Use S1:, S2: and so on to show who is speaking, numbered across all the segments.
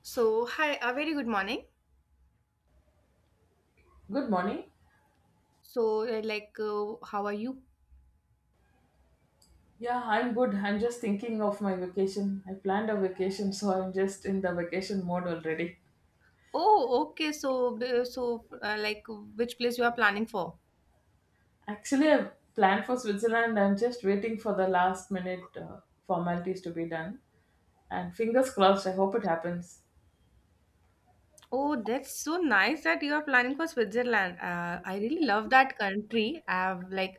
S1: So, hi, a very good morning.
S2: Good morning.
S1: How are you?
S2: Yeah, I'm good. I'm just thinking of my vacation. I planned a vacation, so I'm just in the vacation mode already.
S1: Oh, okay. Which place you are planning for?
S2: Actually, I planned for Switzerland. I'm just waiting for the last minute formalities to be done. And fingers crossed, I hope it happens.
S1: Oh, that's so nice that you are planning for Switzerland. I really love that country.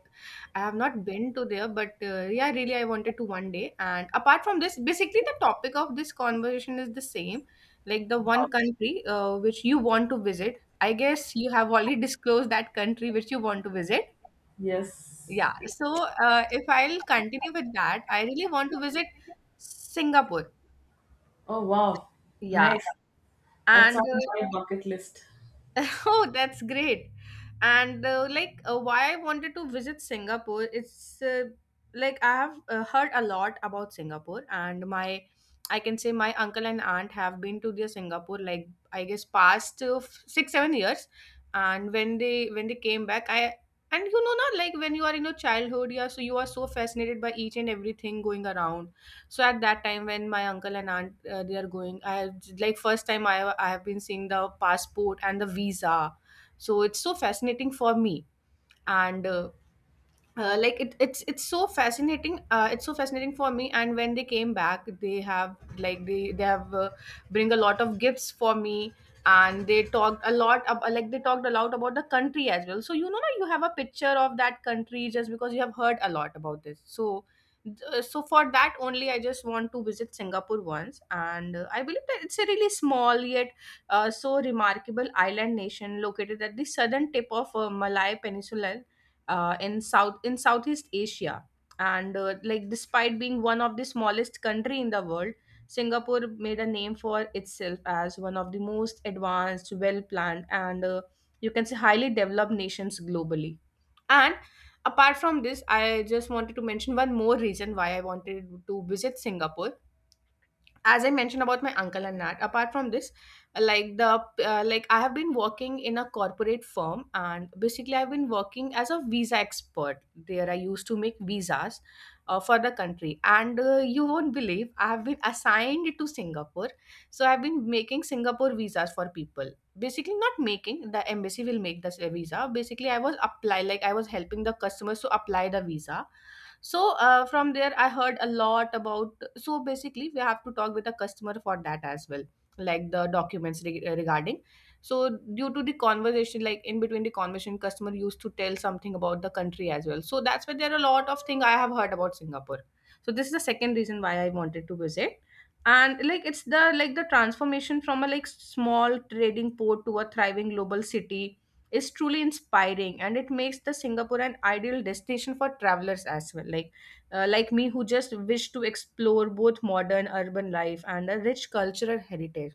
S1: I have not been to there, but yeah, really, I wanted to one day. And apart from this, basically, the topic of this conversation is the same, like the one country which you want to visit. I guess you have already disclosed that country which you want to visit.
S2: Yes.
S1: Yeah. So if I'll continue with that, I really want to visit Singapore.
S2: Oh, wow.
S1: Yeah.
S2: Nice. That's
S1: And
S2: on my bucket list.
S1: Oh, that's great. And like Why I wanted to visit Singapore, it's like I have heard a lot about Singapore and my I can say my uncle and aunt have been to their Singapore, like I guess past 6-7 years. And when they came back, I and you know, not like when you are in your childhood, yeah, so you are so fascinated by each and everything going around. So at that time, when my uncle and aunt, they are going, I like first time I have been seeing the passport and the visa. So it's so fascinating for me, and it's so fascinating, it's so fascinating for me. And when they came back, they have like they have bring a lot of gifts for me. And they talked a lot ab- like they talked a lot about the country as well. So you know, you have a picture of that country just because you have heard a lot about this. So for that only, I just want to visit Singapore once. And I believe that it's a really small yet so remarkable island nation located at the southern tip of Malay Peninsula, in Southeast Asia. And like despite being one of the smallest country in the world, Singapore made a name for itself as one of the most advanced, well planned, and you can say highly developed nations globally. And apart from this, I just wanted to mention one more reason why I wanted to visit Singapore, as I mentioned about my uncle. And that apart from this, like the like I have been working in a corporate firm, and basically I've been working as a visa expert there. I used to make visas for the country. And you won't believe, I have been assigned to Singapore. So I've been making Singapore visas for people. Basically, not making, the embassy will make the visa. Basically, I was helping the customers to apply the visa. So from there I heard a lot about. So basically, we have to talk with the customer for that as well, like the documents regarding. So due to the conversation, like in between the conversation, customer used to tell something about the country as well. So that's why there are a lot of things I have heard about Singapore. So this is the second reason why I wanted to visit. And like the transformation from a like small trading port to a thriving global city is truly inspiring, and it makes the Singapore an ideal destination for travelers as well. Like like me, who just wish to explore both modern urban life and a rich cultural heritage.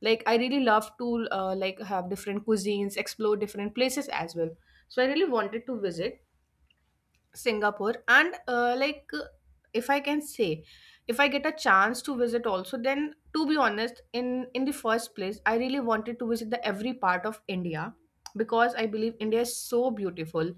S1: Like I really love to like have different cuisines, explore different places as well. So I really wanted to visit Singapore. And if I can say, if I get a chance to visit also, then to be honest, in the first place I really wanted to visit the every part of India, because I believe India is so beautiful.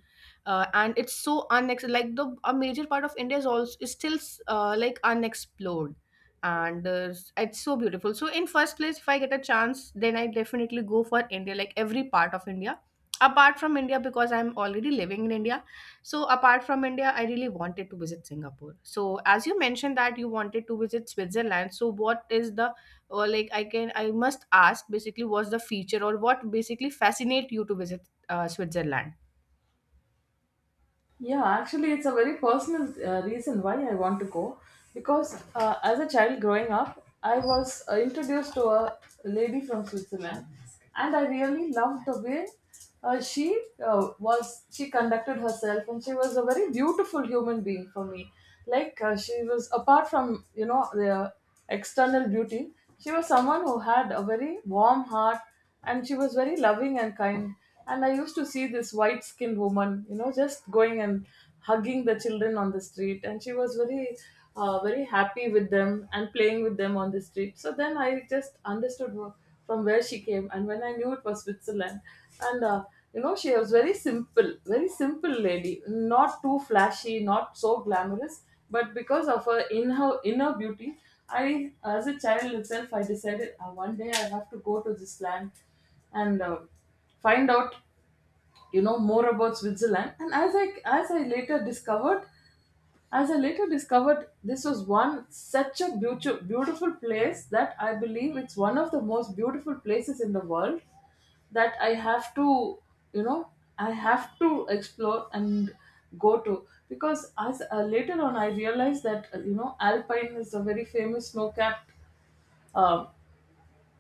S1: And it's so unex like the a major part of India is also is still like unexplored. And It's so beautiful. So in first place, if I get a chance, then I definitely go for India, like every part of India. Apart from India, because I'm already living in India, so apart from India, I really wanted to visit Singapore. So as you mentioned that you wanted to visit Switzerland, so what is the, or like I can, I must ask, basically what's the feature, or what basically fascinate you to visit Switzerland?
S2: Yeah, actually, it's a very personal reason why I want to go because as a child growing up, I was introduced to a lady from Switzerland, and I really loved the way she was. She conducted herself, and she was a very beautiful human being for me. Like she was, apart from you know the external beauty, she was someone who had a very warm heart, and she was very loving and kind, and I used to see this white skinned woman, you know, just going and hugging the children on the street. And she was very very happy with them and playing with them on the street. So then I just understood from where she came, and when I knew, it was Switzerland. And you know, she was very simple, very simple lady, not too flashy, not so glamorous, but because of her, in her inner beauty, I, as a child itself, I decided one day I have to go to this land and find out, you know, more about Switzerland. And as I later discovered, as I later discovered, this was one such a beautiful, beautiful place that I believe it's one of the most beautiful places in the world that I have to, you know, I have to explore and go to. Because as later on I realized that you know, Alpine is a very famous snow-capped uh,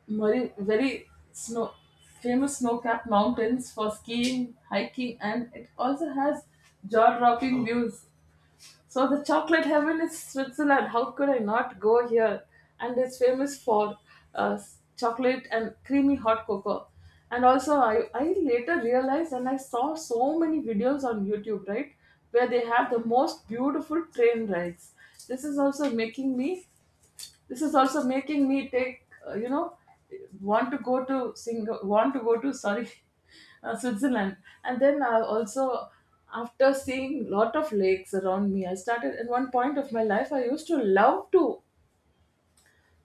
S2: very, very snow famous snow-capped mountains for skiing, hiking, and it also has jaw-dropping views. So the chocolate heaven is Switzerland. How could I not go here? And it's famous for chocolate and creamy hot cocoa. And also, I later realized, and I saw so many videos on YouTube, right, where they have the most beautiful train rides. This is also making me this is also making me take, you know, want to go to, sorry, Switzerland. And then I also, after seeing lot of lakes around me, I started, at one point of my life I used to love to,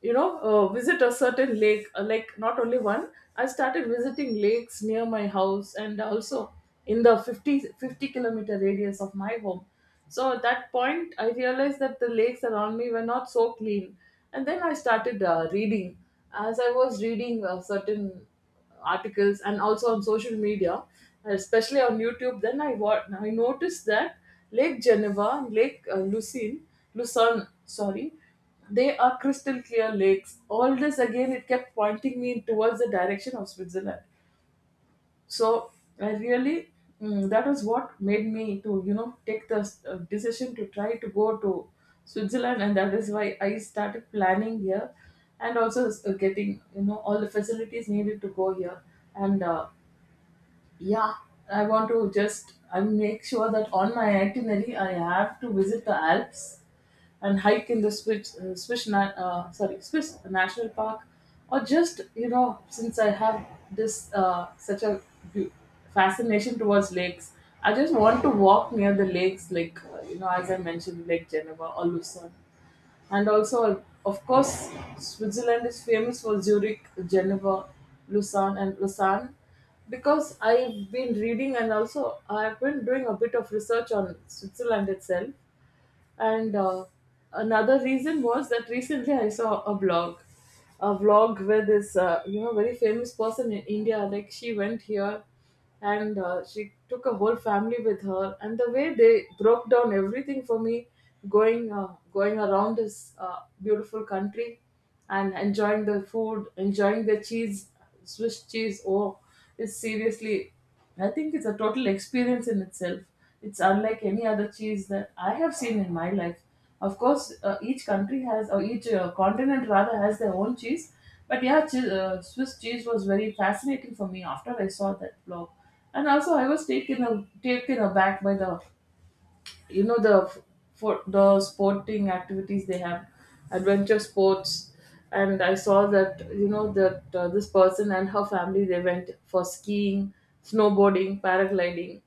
S2: you know, visit a certain lake, like not only one. I started visiting lakes near my house and also in the fifty kilometer radius of my home. So at that point I realized that the lakes around me were not so clean. And then I started reading, as I was reading certain articles and also on social media, especially on YouTube, then I, what I noticed, that Lake Geneva and Lake Lucerne, sorry, they are crystal clear lakes. All this again, it kept pointing me towards the direction of Switzerland. So I really, mm, that was what made me to, you know, take the decision to try to go to Switzerland. And that is why I started planning here, and also getting, you know, all the facilities needed to go here. And yeah, I want to just, I make sure that on my itinerary I have to visit the Alps and hike in the Swiss, Swiss na- sorry Swiss National Park, or just, you know, since I have this such a bu- fascination towards lakes, I just want to walk near the lakes, like you know, as I mentioned, Lake Geneva or Lucerne. And also, of course, Switzerland is famous for Zurich, Geneva, Lucerne, and Lausanne, because I've been reading and also I've been doing a bit of research on Switzerland itself. And another reason was that recently I saw a blog, a vlog, where this, you know, very famous person in India, like she went here, and she took a whole family with her, and the way they broke down everything for me, going around this beautiful country and enjoying the food, enjoying the cheese, Swiss cheese. Oh, it's seriously, I think it's a total experience in itself. It's unlike any other cheese that I have seen in my life. Of course, each country has, or each continent rather, has their own cheese. But yeah, Swiss cheese was very fascinating for me after I saw that blog. And also, I was taken, a, taken aback by the, you know, the for the sporting activities they have, adventure sports. And I saw that, you know, that this person and her family, they went for skiing, snowboarding, paragliding,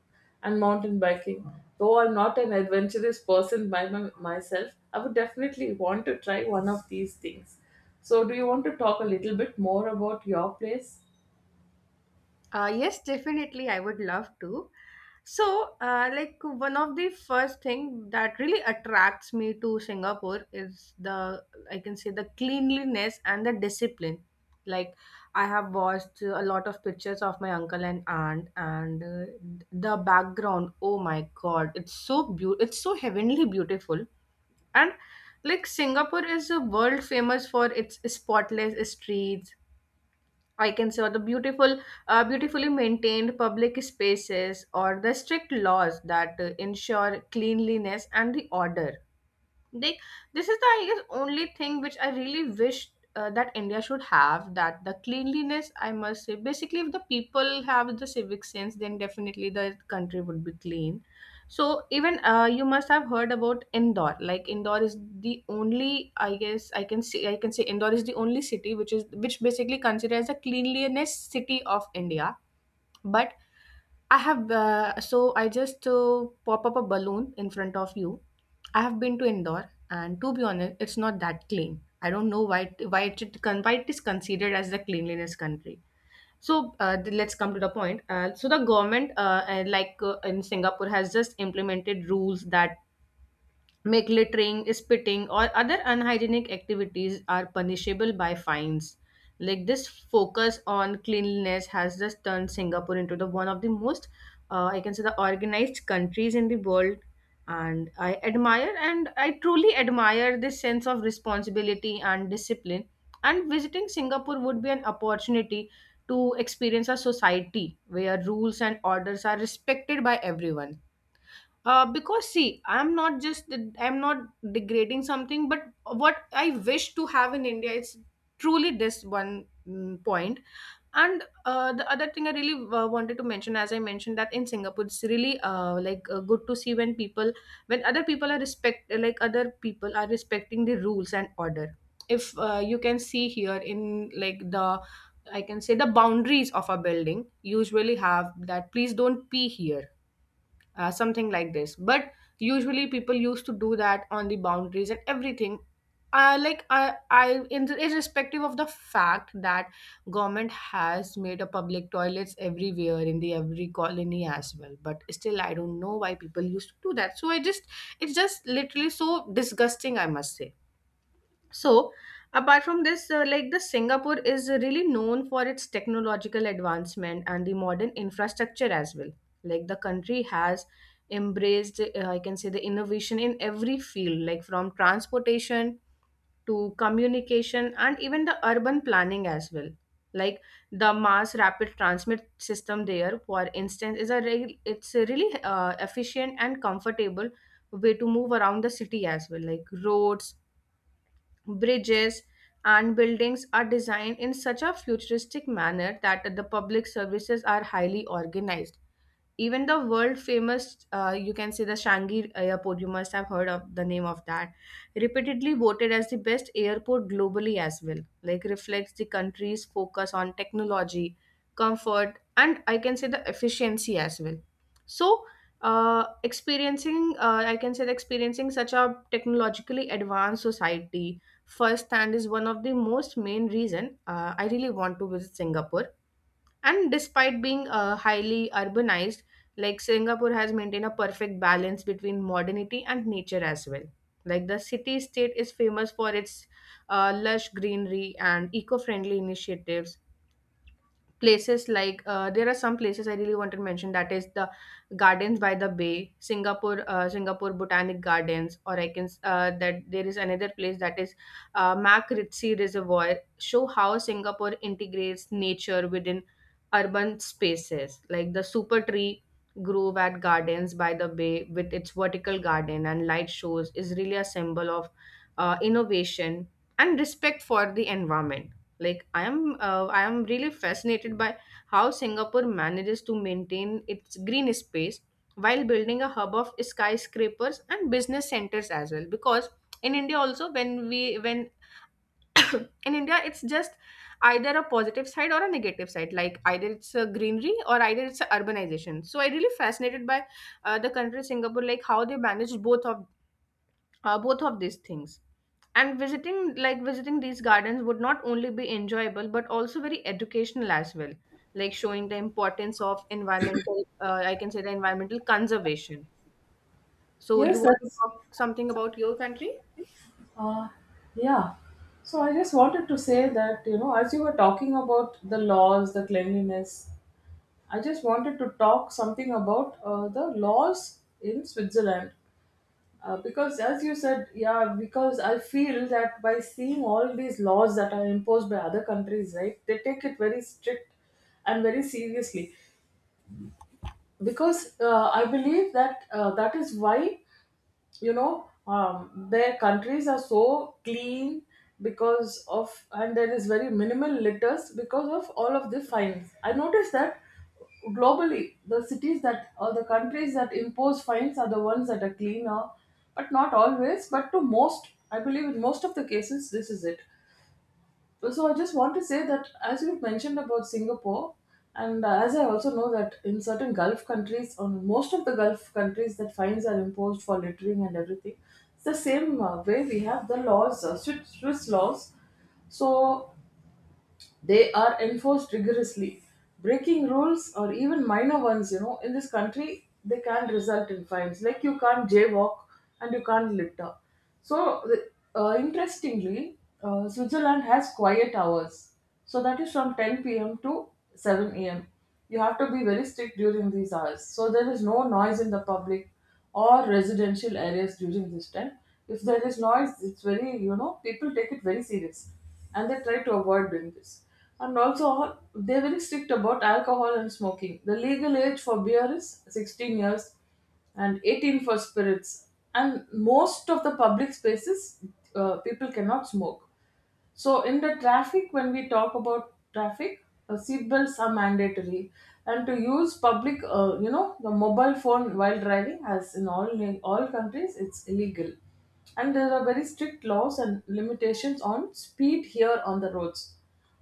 S2: and mountain biking. Though I'm not an adventurous person by myself, I would definitely want to try one of these things. So do you want to talk a little bit more about your place?
S1: Yes, definitely. I would love to. So, like one of the first thing that really attracts me to Singapore is the, I can say, the cleanliness and the discipline. Like I have watched a lot of pictures of my uncle and aunt, and the background. Oh my God, it's so beautiful. It's so heavenly beautiful, and like Singapore is a world famous for its spotless streets, I can say, or the beautiful, beautifully maintained public spaces, or the strict laws that ensure cleanliness and the order. Like this is the, I guess, only thing which I really wish that India should have, that the cleanliness, I must say. Basically, if the people have the civic sense, then definitely the country would be clean. So even you must have heard about Indore. Like Indore is the only, I guess, I can say Indore is the only city which is, which basically considers a cleanliness city of India. But I have, so I just pop up a balloon in front of you. I have been to Indore, and to be honest, it's not that clean. I don't know why why why it is considered as the cleanliness country. So let's come to the point. So the government in Singapore has just implemented rules that make littering, spitting, or other unhygienic activities are punishable by fines. Like this focus on cleanliness has just turned Singapore into the one of the most, I can say, the organized countries in the world. And I truly admire this sense of responsibility and discipline. And visiting Singapore would be an opportunity to experience a society where rules and orders are respected by everyone. Because see, I'm not degrading something, but what I wish to have in India is truly this one point. And the other thing I really wanted to mention, as I mentioned, that in Singapore, it's really good to see when people, when other people are respect, like other people are respecting the rules and order. If you can see here in I can say the boundaries of a building usually have that, please don't pee here something like this. But usually people used to do that on the boundaries and everything. Like irrespective of the fact that government has made a public toilets everywhere in the every colony as well, but still I don't know why people used to do that. So I just It's just literally so disgusting, I must say. So, apart from this, like the Singapore is really known for its technological advancement and the modern infrastructure as well. Like the country has embraced, I can say, the innovation in every field, like from transportation to communication and even the urban planning as well. Like the mass rapid transmit system there, for instance, is a real it's a really efficient and comfortable way to move around the city as well, like roads, bridges, and buildings are designed in such a futuristic manner that the public services are highly organized. Even the world famous, you can say, the Shanghai airport, you must have heard of the name of that, repeatedly voted as the best airport globally as well, like reflects the country's focus on technology, comfort, and I can say the efficiency as well. So uh, experiencing uh, I can say that experiencing such a technologically advanced society firsthand is one of the most main reason I really want to visit Singapore. And despite being highly urbanized, like Singapore has maintained a perfect balance between modernity and nature as well. Like the city state is famous for its lush greenery and eco friendly initiatives, places like there are some places I really want to mention, that is the Gardens by the Bay, Singapore Botanic Gardens, or that there is another place that is Mak Reservoir. Show how Singapore integrates nature within urban spaces, like the Super Tree Grove at Gardens by the Bay with its vertical garden and light shows is really a symbol of innovation and respect for the environment. Like I am really fascinated by how Singapore manages to maintain its green space while building a hub of skyscrapers and business centers as well. Because in India also, when in India, it's just either a positive side or a negative side, like either it's a greenery or either it's a urbanization. So I really fascinated by the country Singapore, like how they manage both of these things. And visiting, like visiting these gardens would not only be enjoyable but also very educational as well, like showing the importance of environmental, I can say, the environmental conservation. So you
S2: Yes
S1: want to
S2: that's
S1: talk something about your country?
S2: Uh, yeah. So I just wanted to say that, you know, as you were talking about the laws, the cleanliness, I just wanted to talk something about the laws in Switzerland. Because as you said, yeah, because I feel that by seeing all these laws that are imposed by other countries, right, they take it very strict and very seriously. Because I believe that that is why, you know, their countries are so clean because of, and there is very minimal litters because of all of the fines. I noticed that globally the cities that, or the countries that impose fines, are the ones that are cleaner, but not always, but to most, I believe in most of the cases this is it. So I just want to say that as you've mentioned about Singapore, and as I also know that in certain Gulf countries, on most of the Gulf countries, that fines are imposed for littering and everything. It's the same way we have the laws, Swiss laws. So they are enforced rigorously. Breaking rules or even minor ones, you know, in this country, they can result in fines. Like you can't jaywalk, and you can't litter. So, interestingly, Switzerland has quiet hours. So, that is from 10 p.m. to 7 a.m. You have to be very strict during these hours. So, there is no noise in the public or residential areas during this time. If there is noise, it's very, you know, people take it very serious, and they try to avoid doing this. And also, they're very strict about alcohol and smoking. The legal age for beer is 16 years and 18 for spirits. And most of the public spaces, people cannot smoke. So in the traffic, when we talk about traffic, seat belts are mandatory, and to use public, you know, the mobile phone while driving, as in all countries, it's illegal, and there are very strict laws and limitations on speed here on the roads.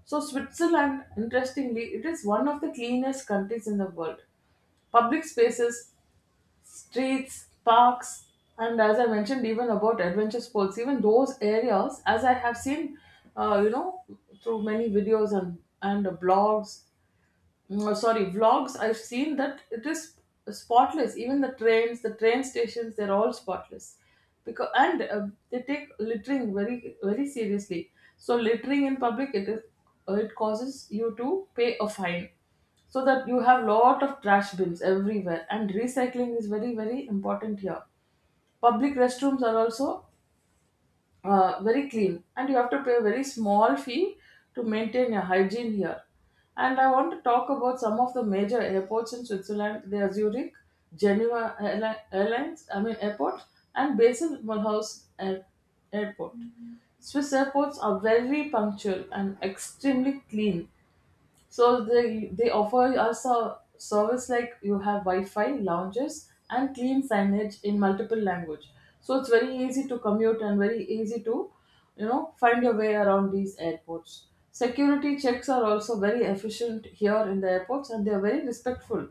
S2: So Switzerland, interestingly, it is one of the cleanest countries in the world. Public spaces, streets, parks, and as I mentioned, even about adventure sports, even those areas, as I have seen, you know, through many videos and blogs, mm, sorry, vlogs, I've seen that it is spotless. Even the trains, the train stations, they're all spotless. Because, and they take littering very, very seriously. So littering in public, it is, it causes you to pay a fine. So that you have lot of trash bins everywhere, and recycling is very, very important here. Public restrooms are also very clean, and you have to pay a very small fee to maintain your hygiene here. And I want to talk about some of the major airports in Switzerland. They are Zurich, Airlines, I mean airport, and Basel Mulhouse Airport. Swiss airports are very punctual and extremely clean. So they offer us a service like you have Wi-Fi, lounges, and clean signage in multiple language. So it's very easy to commute and very easy to, you know, find your way around these airports. Security checks are also very efficient here in the airports, and they are very respectful.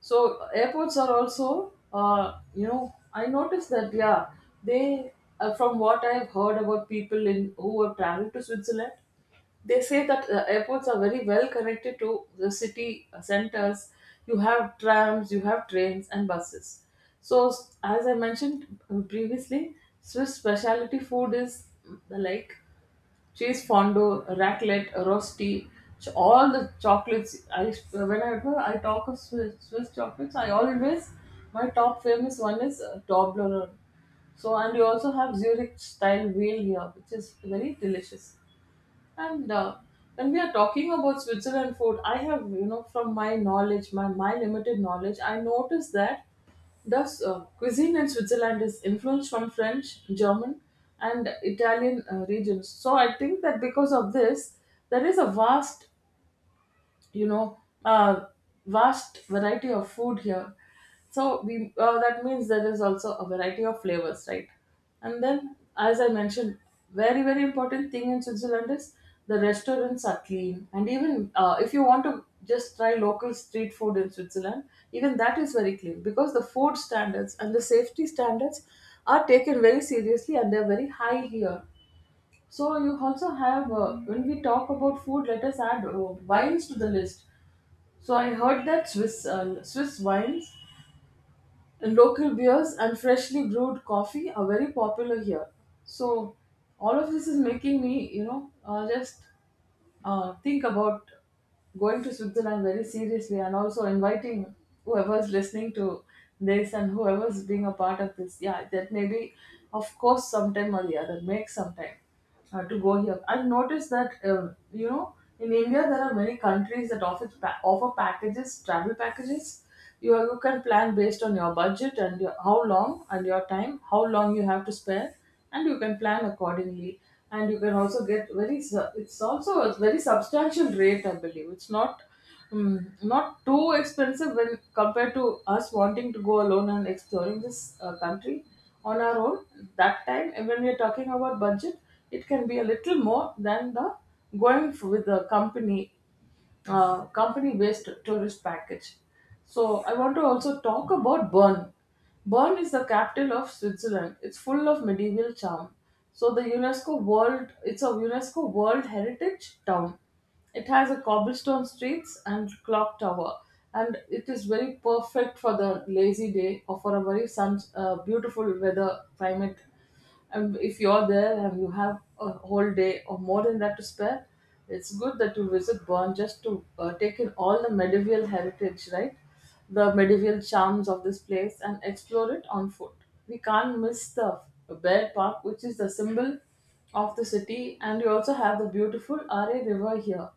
S2: So airports are also, you know, I noticed that, yeah, they, from what I've heard about people in who have traveled to Switzerland, they say that airports are very well connected to the city centers. You have trams, you have trains and buses. So as I mentioned previously, Swiss specialty food is, mm, like cheese fondue, raclette, rosti, all the chocolates. I, whenever I talk of Swiss chocolates, I always, my top famous one is Toblerone. So, and you also have Zurich style wheel here, which is very delicious. And When we are talking about Switzerland food, I have, from my knowledge, my limited knowledge, I noticed that the cuisine in Switzerland is influenced from French, German, and Italian regions. So I think that because of this, there is a vast you know a vast variety of food here, so we that means there is also a variety of flavors, right? And then as I mentioned, very important thing in Switzerland is the restaurants are clean, and even if you want to just try local street food in Switzerland, even that is very clean because the food standards and the safety standards are taken very seriously and they're very high here. So you also have, when we talk about food, let us add wines to the list. So I heard that Swiss wines and local beers and freshly brewed coffee are very popular here. So all of this is making me, just think about going to Switzerland very seriously, and also inviting whoever's listening to this and whoever's being a part of this. Yeah, that maybe, of course, sometime or the other, make some time to go here. I've noticed that, in India, there are many countries that offer, offer packages, travel packages. You can plan based on your budget and your, how long and your time, how long you have to spare, and you can plan accordingly. And you can also get it's also a very substantial rate, I believe. It's not not too expensive when compared to us wanting to go alone and exploring this country on our own. That time and when we're talking about budget, it can be a little more than the with the company company-based tourist package. So I want to also talk about Bern. Bern is the capital of Switzerland. It's full of medieval charm. So the UNESCO World, it's a UNESCO World Heritage Town. It has a cobblestone streets and clock tower, and it is very perfect for the lazy day or for a very beautiful weather climate. And if you're there and you have a whole day or more than that to spare, it's good that you visit Bern just to take in all the medieval heritage, right? The medieval charms of this place, and explore it on foot. We can't miss the Bear Park, which is the symbol of the city, and you also have the beautiful Are River here.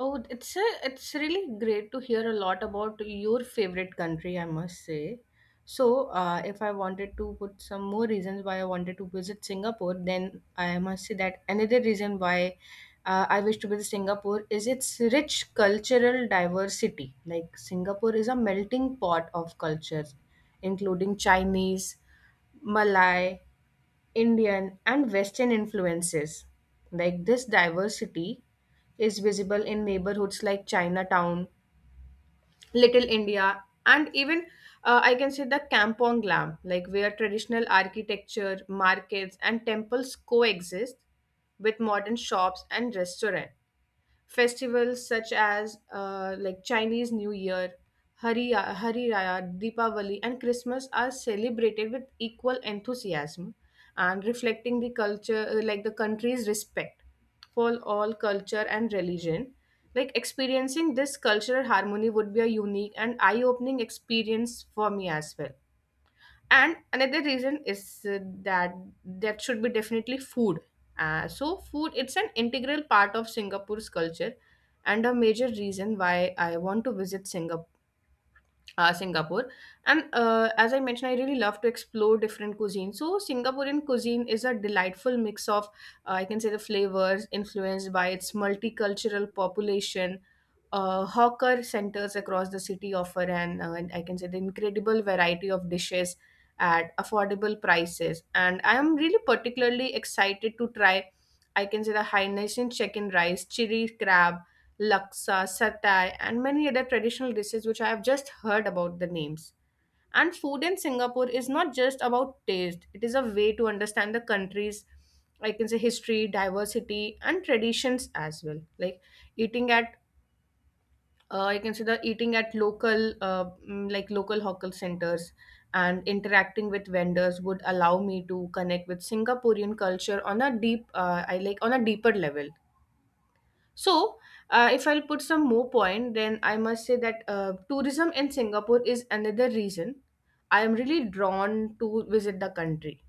S1: Oh, it's really great to hear a lot about your favorite country, I must say. So, if I wanted to put some more reasons why I wanted to visit Singapore, then I must say that another reason why I wish to visit Singapore is its rich cultural diversity. Like Singapore is a melting pot of cultures, including Chinese, Malay, Indian and Western influences. Like this diversity is visible in neighborhoods like Chinatown, Little India, and even I can say the Kampong Glam, like where traditional architecture, markets, and temples coexist with modern shops and restaurants. Festivals such as like Chinese New Year, Hari Raya, Deepavali, and Christmas are celebrated with equal enthusiasm and reflecting the culture, like the country's respect for all culture and religion. Like experiencing this cultural harmony would be a unique and eye opening experience for me as well. And another reason is that that should be definitely food. So food, it's an integral part of Singapore's culture and a major reason why I want to visit Singapore. And as I mentioned, I really love to explore different cuisines. So, Singaporean cuisine is a delightful mix of, I can say, the flavors influenced by its multicultural population. Hawker centers across the city offer an, I can say, the incredible variety of dishes at affordable prices. And I am really particularly excited to try, I can say, the Hainanese chicken rice, chili crab, laksa, satay, and many other traditional dishes which I have just heard about the names. And food in Singapore is not just about taste, it is a way to understand the country's, I can say, history, diversity, and traditions as well. Like eating at I can say, the eating at local, like local hawker centers, and interacting with vendors would allow me to connect with Singaporean culture on a deep, I like on a deeper level. So, if I'll put some more point, then I must say that tourism in Singapore is another reason I am really drawn to visit the country.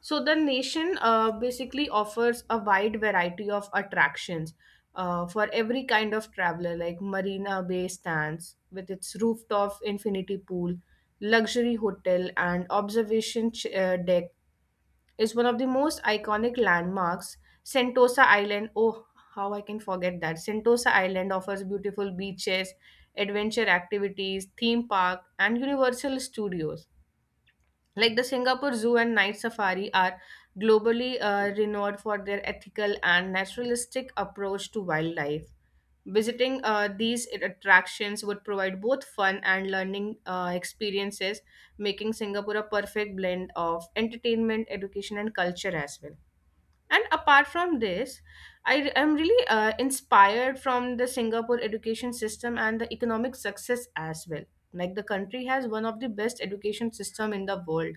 S1: So, the nation basically offers a wide variety of attractions for every kind of traveler, like Marina Bay stands with its rooftop infinity pool, luxury hotel, and deck is one of the most iconic landmarks. Sentosa Island, oh, how I can forget that. Sentosa Island offers beautiful beaches, adventure activities, theme park, and Universal Studios. Like the Singapore Zoo and Night Safari are globally renowned for their ethical and naturalistic approach to wildlife. Visiting these attractions would provide both fun and learning experiences, making Singapore a perfect blend of entertainment, education, and culture as well. And apart from this, I am really inspired from the Singapore education system and the economic success as well. Like the country has one of the best education system in the world,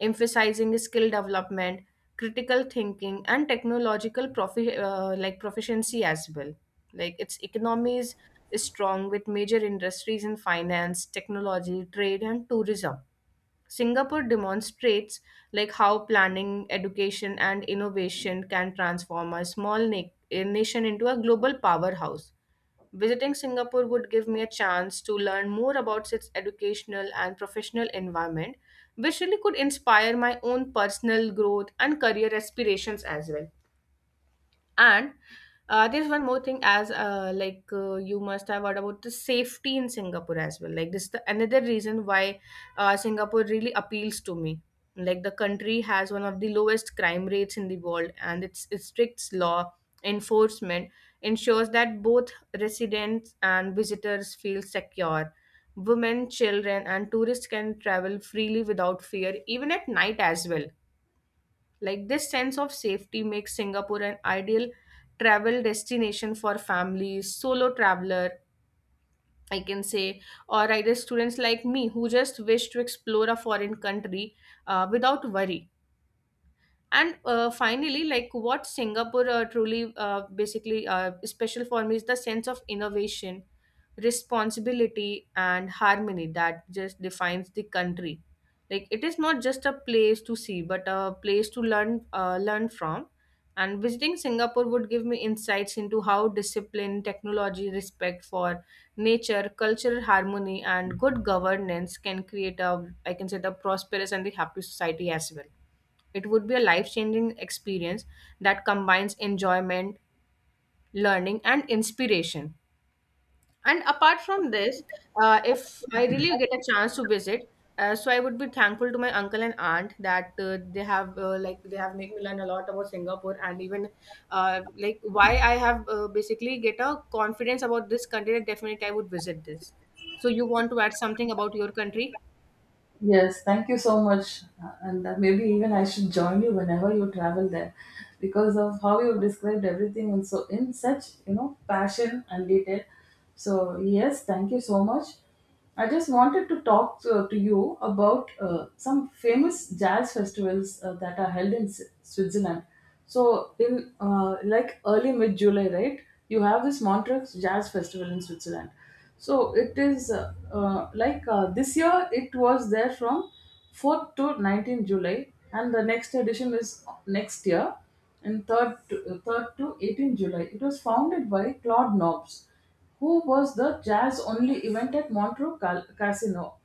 S1: emphasizing skill development, critical thinking, and like proficiency as well. Like its economy is strong with major industries in finance, technology, trade, and tourism. Singapore demonstrates like how planning, education, and innovation can transform a nation into a global powerhouse. Visiting Singapore would give me a chance to learn more about its educational and professional environment, which really could inspire my own personal growth and career aspirations as well. And there's one more thing, as you must have heard about the safety in Singapore as well. Like this is another reason why Singapore really appeals to me. Like the country has one of the lowest crime rates in the world, and its strict law enforcement ensures that both residents and visitors feel secure. Women, children, and tourists can travel freely without fear, even at night as well. Like this sense of safety makes Singapore an ideal travel destination for families, solo traveler, I can say, or either students like me who just wish to explore a foreign country without worry. And finally, like what Singapore truly basically special for me is the sense of innovation, responsibility and harmony that just defines the country. Like it is not just a place to see but a place to learn from, and visiting Singapore would give me insights into how discipline, technology, respect for nature, cultural harmony and good governance can create a, I can say, the prosperous and the happy society as well. It would be a life changing experience that combines enjoyment, learning, and inspiration. And apart from this, if I really get a chance to visit, so I would be thankful to my uncle and aunt that they have like they have made me learn a lot about Singapore, and even like why I have basically get a confidence about this country that definitely I would visit this. So you want to add something about your country?
S2: Yes, thank you so much. And Maybe even I should join you whenever you travel there because of how you described everything and so in such, passion and detail. So, yes, thank you so much. I just wanted to talk to you about some famous jazz festivals that are held in Switzerland. So, in like early mid July, right? You have this Montreux Jazz Festival in Switzerland. So it is this year it was there from 4th to 19th July, and the next edition is next year, and 3rd to 18th July. It was founded by Claude Knobs, who was the jazz only event at Casino.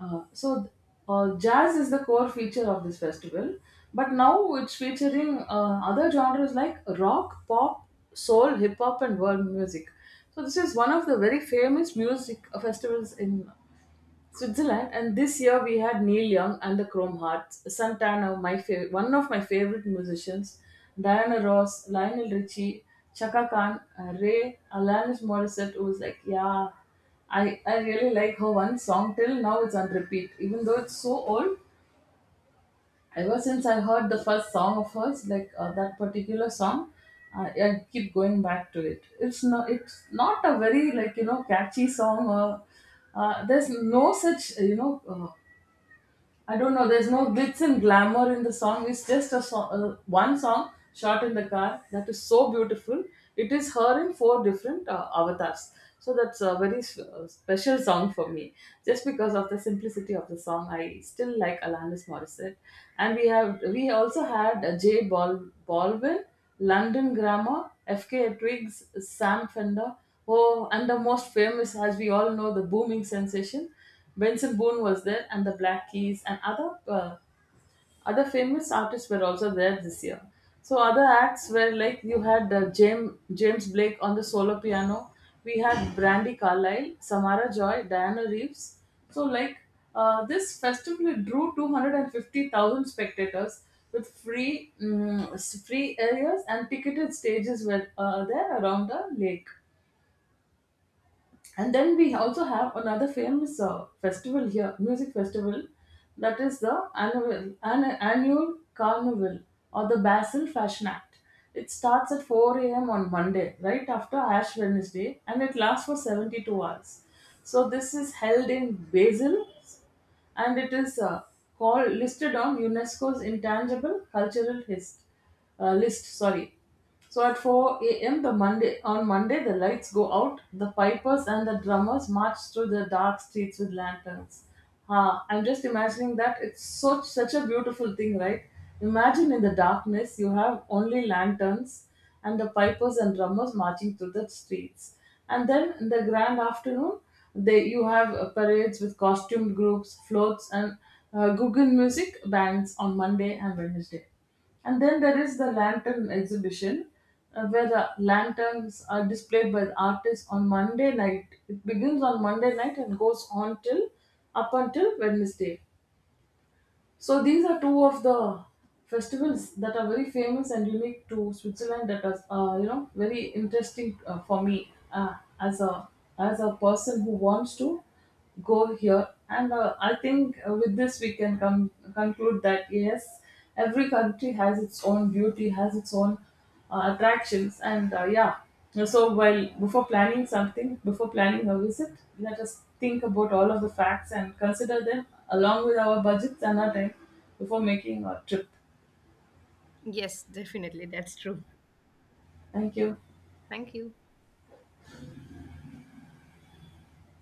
S2: Uh, so th- Jazz is the core feature of this festival, but now it's featuring other genres like rock, pop, soul, hip hop, and world music. So this is one of the very famous music festivals in Switzerland, and this year we had Neil Young and the Chrome Hearts, Santana, one of my favorite musicians, Diana Ross, Lionel Richie, Chaka Khan, Ray, Alanis Morissette, who was like, yeah, I really like her one song. Till now it's on repeat, even though it's so old. Ever since I heard the first song of hers, like that particular song, I keep going back to it. It's not a very, catchy song, or there's no such you know I don't know. There's no glitz and glamour in the song. It's just a song, one song shot in the car that is so beautiful. It is her in four different avatars. So that's a very special song for me. Just because of the simplicity of the song, I still like Alanis Morissette. And we also had Baldwin, London Grammar, F.K. Twigs, Sam Fender. Oh, and the most famous, as we all know, the booming sensation. Benson Boone was there, and the Black Keys and other famous artists were also there this year. So other acts were like, you had James Blake on the solo piano. We had Brandy Carlisle, Samara Joy, Diana Reeves. So like, this festival drew 250,000 spectators, with free free areas and ticketed stages were there around the lake. And then we also have another famous festival here, music festival, that is the annual carnival or the Basel Fashion Act. It starts at 4 a.m. on Monday, right after Ash Wednesday, and it lasts for 72 hours. So this is held in Basel, and it is called, listed on UNESCO's intangible cultural list. Sorry. So at 4 a.m. the Monday on Monday, the lights go out. The pipers and the drummers march through the dark streets with lanterns. Ah, I'm just imagining that it's such a beautiful thing, right? Imagine, in the darkness you have only lanterns and the pipers and drummers marching through the streets. And then in the grand afternoon, they, you have parades with costumed groups, floats, and Guggen music bands on Monday and Wednesday. And then there is the lantern exhibition, where the lanterns are displayed by the artists on Monday night. It begins on Monday night and goes on till up until Wednesday. So these are two of the festivals that are very famous and unique to Switzerland. That are, very interesting for me as a person who wants to go here. And I think with this we can come conclude that yes, every country has its own beauty, has its own attractions, and yeah, so while before planning something, before planning a visit, let us think about all of the facts and consider them along with our budgets and our time before making our trip.
S1: Yes, definitely. That's true.
S2: Thank you.
S1: Thank you.